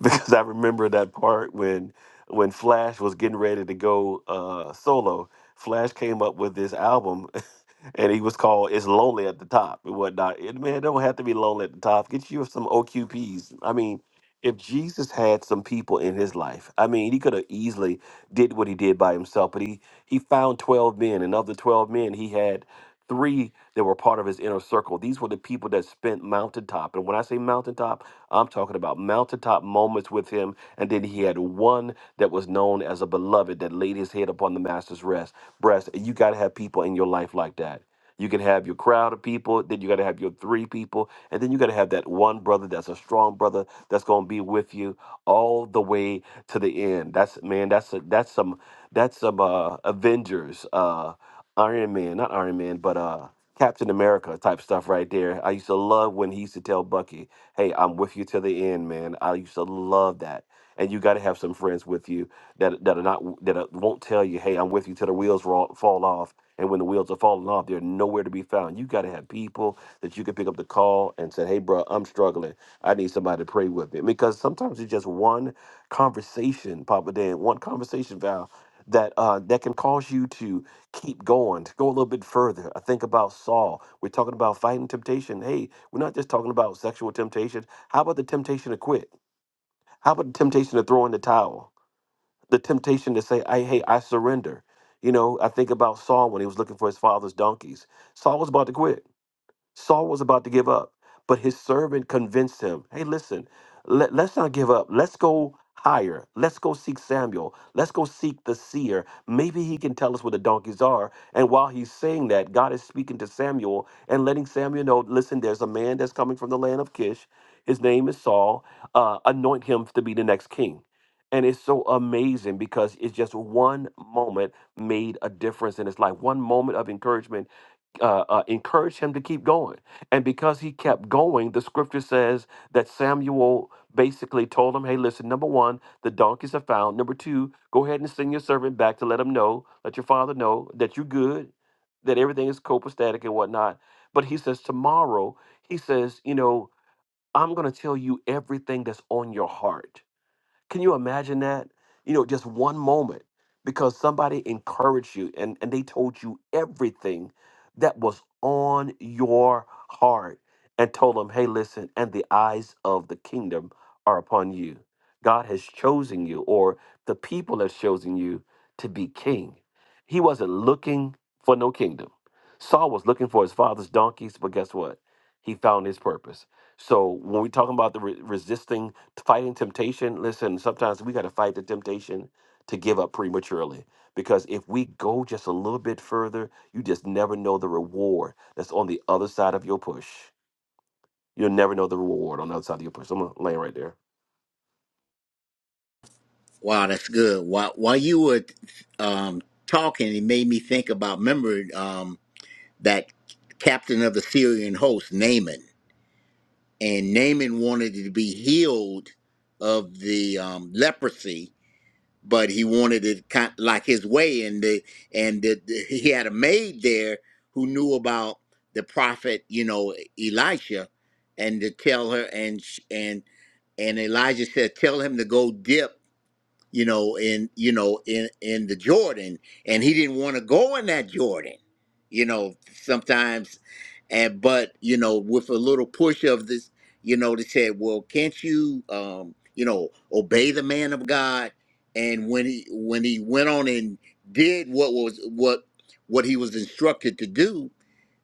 B: because I remember that part when when Flash was getting ready to go uh solo, Flash came up with this album [laughs] and he was called "It's Lonely at the Top" and whatnot. And man, it don't have to be lonely at the top. Get you some OQPs. I mean, if Jesus had some people in his life, I mean, he could have easily did what he did by himself, but he he found 12 men, and of the 12 men, he had three that were part of his inner circle. These were the people that spent mountaintop. And when I say mountaintop, I'm talking about mountaintop moments with him. And then he had one that was known as a beloved that laid his head upon the master's rest breast. And you gotta have people in your life like that. You can have your crowd of people, then you got to have your three people, and then you got to have that one brother that's a strong brother that's going to be with you all the way to the end. That's man, that's a, that's some that's some uh, Avengers, uh, Iron Man, not Iron Man, but uh, Captain America type stuff right there. I used to love when he used to tell Bucky, "Hey, I'm with you to the end, man." I used to love that. And you got to have some friends with you that that are not that are, won't tell you, "Hey, I'm with you till the wheels roll, fall off." And when the wheels are falling off, they're nowhere to be found. You got to have people that you can pick up the call and say, hey, bro, I'm struggling. I need somebody to pray with me. Because sometimes it's just one conversation, Papa Dan, one conversation, Val, that uh, that can cause you to keep going, to go a little bit further. I think about Saul. We're talking about fighting temptation. Hey, we're not just talking about sexual temptation. How about the temptation to quit? How about the temptation to throw in the towel? the temptation to say, I hey, I surrender. You know, I think about Saul when he was looking for his father's donkeys. Saul was about to quit Saul was about to give up, but his servant convinced him hey, listen, let, us not give up. Let's go higher. Let's go seek Samuel. Let's go seek the seer. Maybe he can tell us where the donkeys are. And while he's saying that, God is speaking to Samuel and letting Samuel know listen, there's a man that's coming from the land of Kish. His name is Saul. Uh, anoint him to be the next king. And it's so amazing because it's just one moment made a difference in his life. One moment of encouragement uh, uh, encouraged him to keep going. And because he kept going, the scripture says that Samuel basically told him, Hey, listen, number one, the donkeys are found. Number two, go ahead and send your servant back to let him know, let your father know that you're good, that everything is copacetic and whatnot. But he says, Tomorrow, he says, You know, I'm going to tell you everything that's on your heart can you imagine that? You know, just one moment because somebody encouraged you and, and they told you everything that was on your heart and told them, hey, listen, and the eyes of the kingdom are upon you. God has chosen you, or the people have chosen you to be king. He wasn't looking for no kingdom. Saul was looking for his father's donkeys, but guess what? He found his purpose. So when we're talking about the re- resisting fighting temptation listen sometimes we got to fight the temptation to give up prematurely because if we go just a little bit further you just never know the reward that's on the other side of your push you'll never know the reward on the other side of your push i'm gonna land right there
A: wow that's good while while you were um talking it made me think about remember um that captain of the syrian host naaman and naaman wanted to be healed of the um leprosy but he wanted it kind like his way, and the and the, the- he had a maid there who knew about the prophet, you know, Elisha, and to tell her, and sh- and and Elijah said, "Tell him to go dip." you know, in you know, in in the Jordan, and he didn't want to go in that Jordan, you know, sometimes, and but you know, with a little push of this, you know, they said, well, can't you, um, you know, obey the man of God? And when he when he went on and did what was what what he was instructed to do,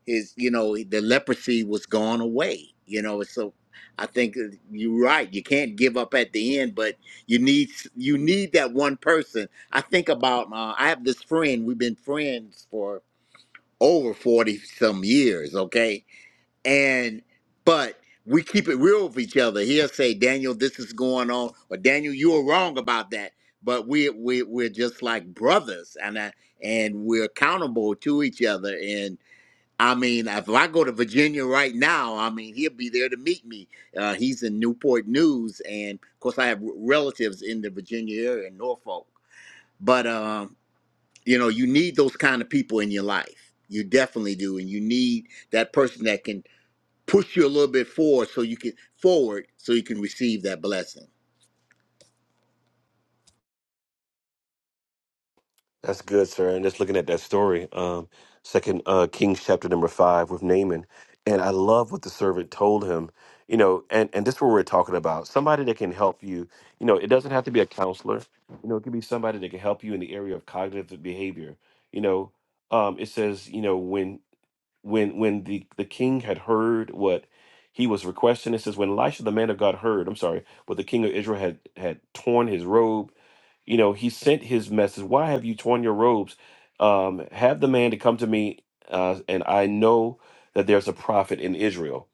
A: his you know the leprosy was gone away you know so i think uh, you're right you can't give up at the end but you need you need that one person i think about uh, i have this friend we've been friends for over 40 some years okay and but we keep it real with each other he'll say daniel this is going on or daniel you were wrong about that but we, we we're just like brothers and I, and we're accountable to each other and. I mean, if I go to Virginia right now, I mean, he'll be there to meet me. Uh, he's in Newport News, and of course, I have relatives in the Virginia area in Norfolk. But um, you know, you need those kind of people in your life. You definitely do, and you need that person that can push you a little bit forward, so you can forward, so you can receive that blessing.
B: That's good, sir. And just looking at that story, um, Second uh, Kings chapter number five with Naaman, and I love what the servant told him. You know, and and this is what we're talking about. Somebody that can help you. You know, it doesn't have to be a counselor. You know, it could be somebody that can help you in the area of cognitive behavior. You know, um, it says, you know, when when when the the king had heard what he was requesting it says when elisha the man of god heard i'm sorry what the king of israel had had torn his robe you know he sent his message why have you torn your robes um have the man to come to me uh and i know that there's a prophet in israel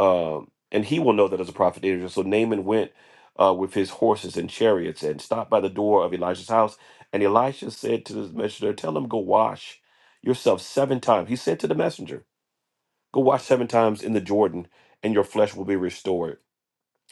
B: um and he will know that there's a prophet in israel so naaman went uh, with his horses and chariots and stopped by the door of elisha's house and elisha said to the messenger tell him go wash yourself seven times he said to the messenger Go wash seven times in the Jordan, and your flesh will be restored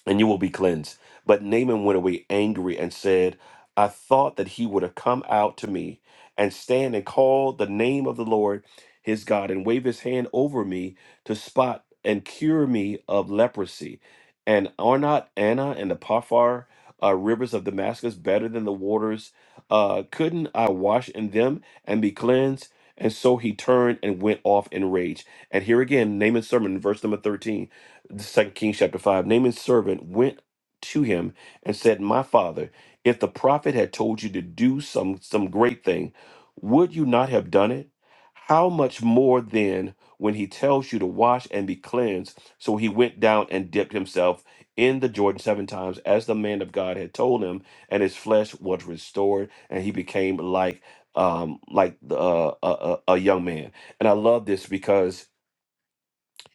B: and you will be cleansed. But Naaman went away angry and said, I thought that he would have come out to me and stand and call the name of the Lord his God and wave his hand over me to spot and cure me of leprosy. And are not Anna and the Paphar uh, rivers of Damascus better than the waters? Uh, couldn't I wash in them and be cleansed? And so he turned and went off in rage. And here again, Naaman's sermon, verse number 13 the second Kings chapter five, Naaman's servant went to him and said, My father, if the prophet had told you to do some some great thing, would you not have done it? How much more then when he tells you to wash and be cleansed? So he went down and dipped himself in the Jordan seven times, as the man of God had told him, and his flesh was restored, and he became like um like the, uh, a, a a young man. And I love this because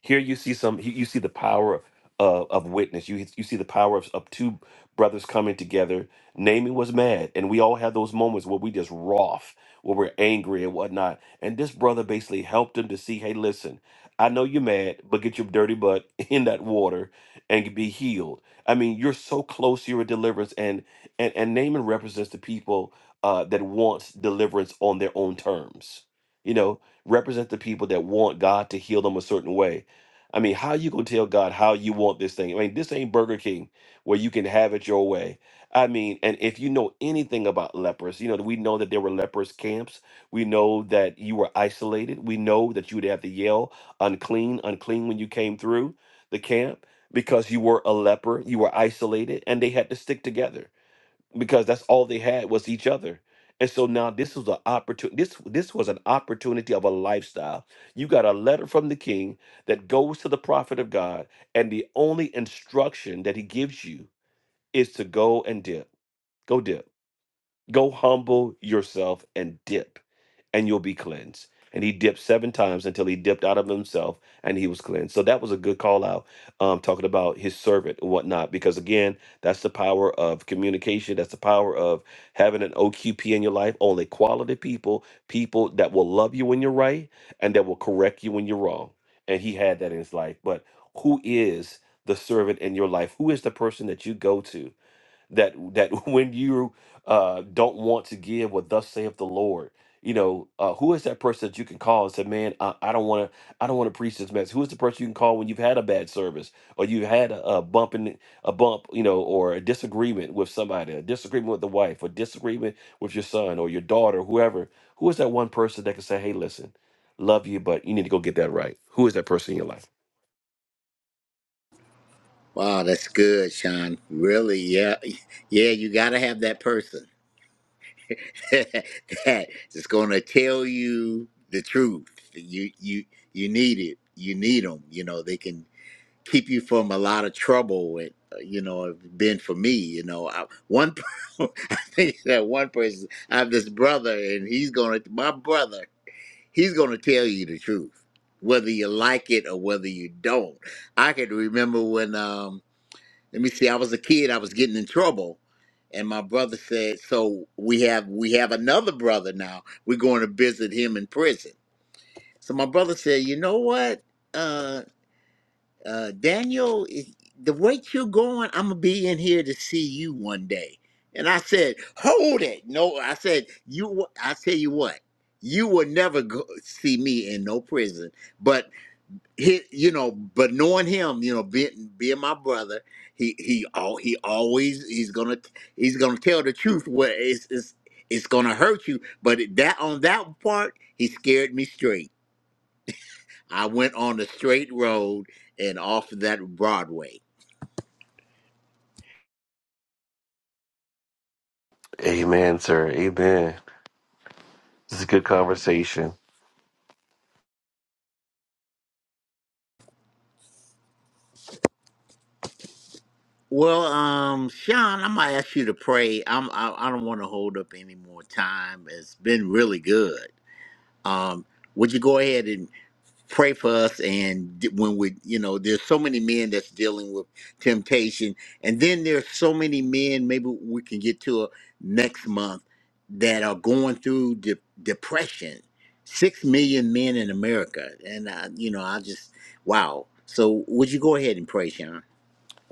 B: here you see some you you see the power of, of witness. You you see the power of, of two brothers coming together. Naaman was mad, and we all have those moments where we just wroth, where we're angry and whatnot. And this brother basically helped him to see, hey, listen, I know you're mad, but get your dirty butt [laughs] in that water and be healed. I mean, you're so close to your deliverance, and and and Naaman represents the people uh, that wants deliverance on their own terms. You know, represent the people that want God to heal them a certain way I mean, how you gonna tell God how you want this thing? I mean, this ain't Burger King where you can have it your way. I mean, and if you know anything about lepers, you know we know that there were lepers camps. We know that you were isolated. We know that you would have to yell unclean, unclean when you came through the camp because you were a leper. You were isolated, and they had to stick together because that's all they had was each other. And so now this was an opportunity. This this was an opportunity of a lifestyle. You got a letter from the king that goes to the prophet of God, and the only instruction that he gives you is to go and dip. Go dip. Go humble yourself and dip and you'll be cleansed. And he dipped seven times until he dipped out of himself and he was cleansed. So that was a good call out, um, talking about his servant and whatnot. Because again, that's the power of communication. That's the power of having an OQP in your life. Only quality people, people that will love you when you're right and that will correct you when you're wrong. And he had that in his life. But who is the servant in your life? Who is the person that you go to? that that [laughs] when you uh, don't want to give what thus saith the Lord, you know, uh, who is that person that you can call and say, "Man, I, I don't want to, I don't want to preach this message." Who is the person you can call when you've had a bad service or you've had a, a bump in a bump, you know, or a disagreement with somebody, a disagreement with the wife, a disagreement with your son or your daughter, whoever? Who is that one person that can say, "Hey, listen, love you, but you need to go get that right"? Who is that person in your life?
A: Wow, that's good, Sean. Really, yeah, [laughs] yeah. You got to have that person. [laughs] that's gonna tell you the truth. You you you need it. You need them. You know they can keep you from a lot of trouble. With uh, you know, it's been for me. You know, I, one [laughs] I think that one person. I have this brother, and he's gonna my brother. He's gonna tell you the truth, whether you like it or whether you don't. I can remember when. um let me see. I was a kid. I was getting in trouble, and my brother said, "So we have we have another brother now. We're going to visit him in prison." So my brother said, "You know what, uh, uh, Daniel, i- the rate you're going, I'm gonna be in here to see you one day." And I said, "Hold it! No, I said you. w- I tell you what." You will never go see me in no prison, but he, you know, but knowing him, you know, being being my brother, he he all he always he's gonna he's gonna tell the truth where it's it's it's gonna hurt you. But it- that on that part, he scared me straight. I went on the straight road and off of that Broadway.
B: Amen, sir. Amen. This is a good conversation.
A: Well, um, Sean, I'm gonna ask you to pray. I'm I, I don't want to hold up any more time. It's been really good. Um, would you go ahead pray for us and when we you know there's so many men that's dealing with temptation and then there's so many men maybe we can get to a, next month that are going through de- depression six million men in america and I, you know i just wow so would you go ahead and pray sean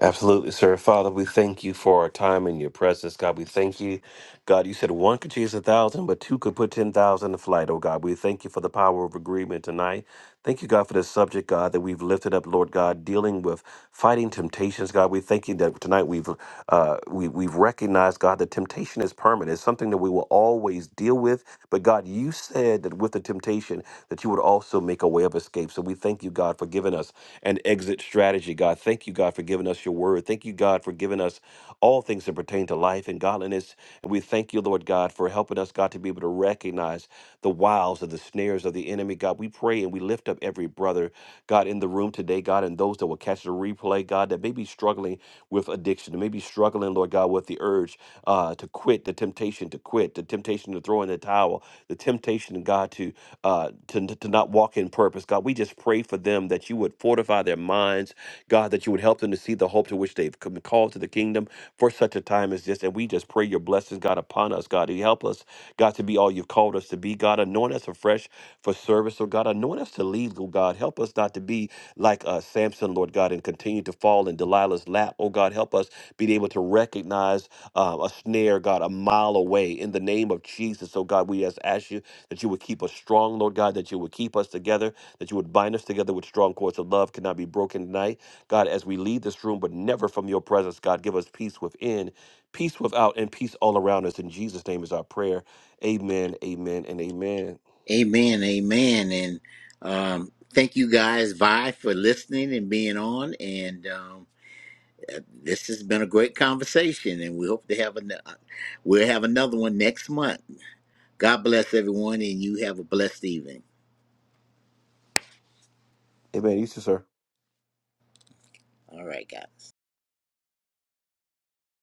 B: Absolutely, sir. Father, we thank you for our time in your presence. God, we thank you. God, you said one could chase a thousand, but two could put 10,000 to flight. Oh, God, we thank you for the power of agreement tonight. Thank you, God, for this subject, God, that we've lifted up, Lord God, dealing with fighting temptations. God, we thank you that tonight we've uh, we, we've recognized, God, that temptation is permanent. It's something that we will always deal with. But God, you said that with the temptation, that you would also make a way of escape. So we thank you, God, for giving us an exit strategy strategy, God. Thank you, God, for giving us your word. Thank you, God, for giving us all things that pertain to life and godliness. And we thank you, Lord God, for helping us, God, to be able to recognize the wiles of the snares of the enemy. God, we pray and we lift up every brother, God, in the room today, God, and those that will catch the replay, God, that may be struggling with addiction, may be struggling, Lord God, with the urge uh, to quit, the temptation to quit, the temptation to throw in the towel, the temptation, God, to uh, to, to not walk in purpose. God, we just pray for them that that you would fortify their minds, God, that you would help them to see the hope to which they've come- been called to the kingdom for such a time as this. And we just pray your blessings, God, upon us, God. You help us, God, to be all you've called us to be. God, anoint us afresh for service, oh God. Anoint us to lead, oh God. Help us not to be like uh, Samson, Lord God, and continue to fall in Delilah's lap. Oh God, help us be able to recognize uh, a snare, God, a mile away in the name of Jesus. Oh God, we just ask you that you would keep us strong, Lord God, that you would keep us together that you would bind us together with strong cords of love cannot be broken tonight. God, as we leave this room, but never from your presence, God, give us peace within, peace without, and peace all around us. In Jesus' name is our prayer. Amen, amen, and amen.
A: amen amen and um thank you guys vi for listening and being on and um This has been a great conversation, and we hope to have an, we'll have another one next month. God bless everyone, and you have a blessed evening.
B: Amen. You too, sir.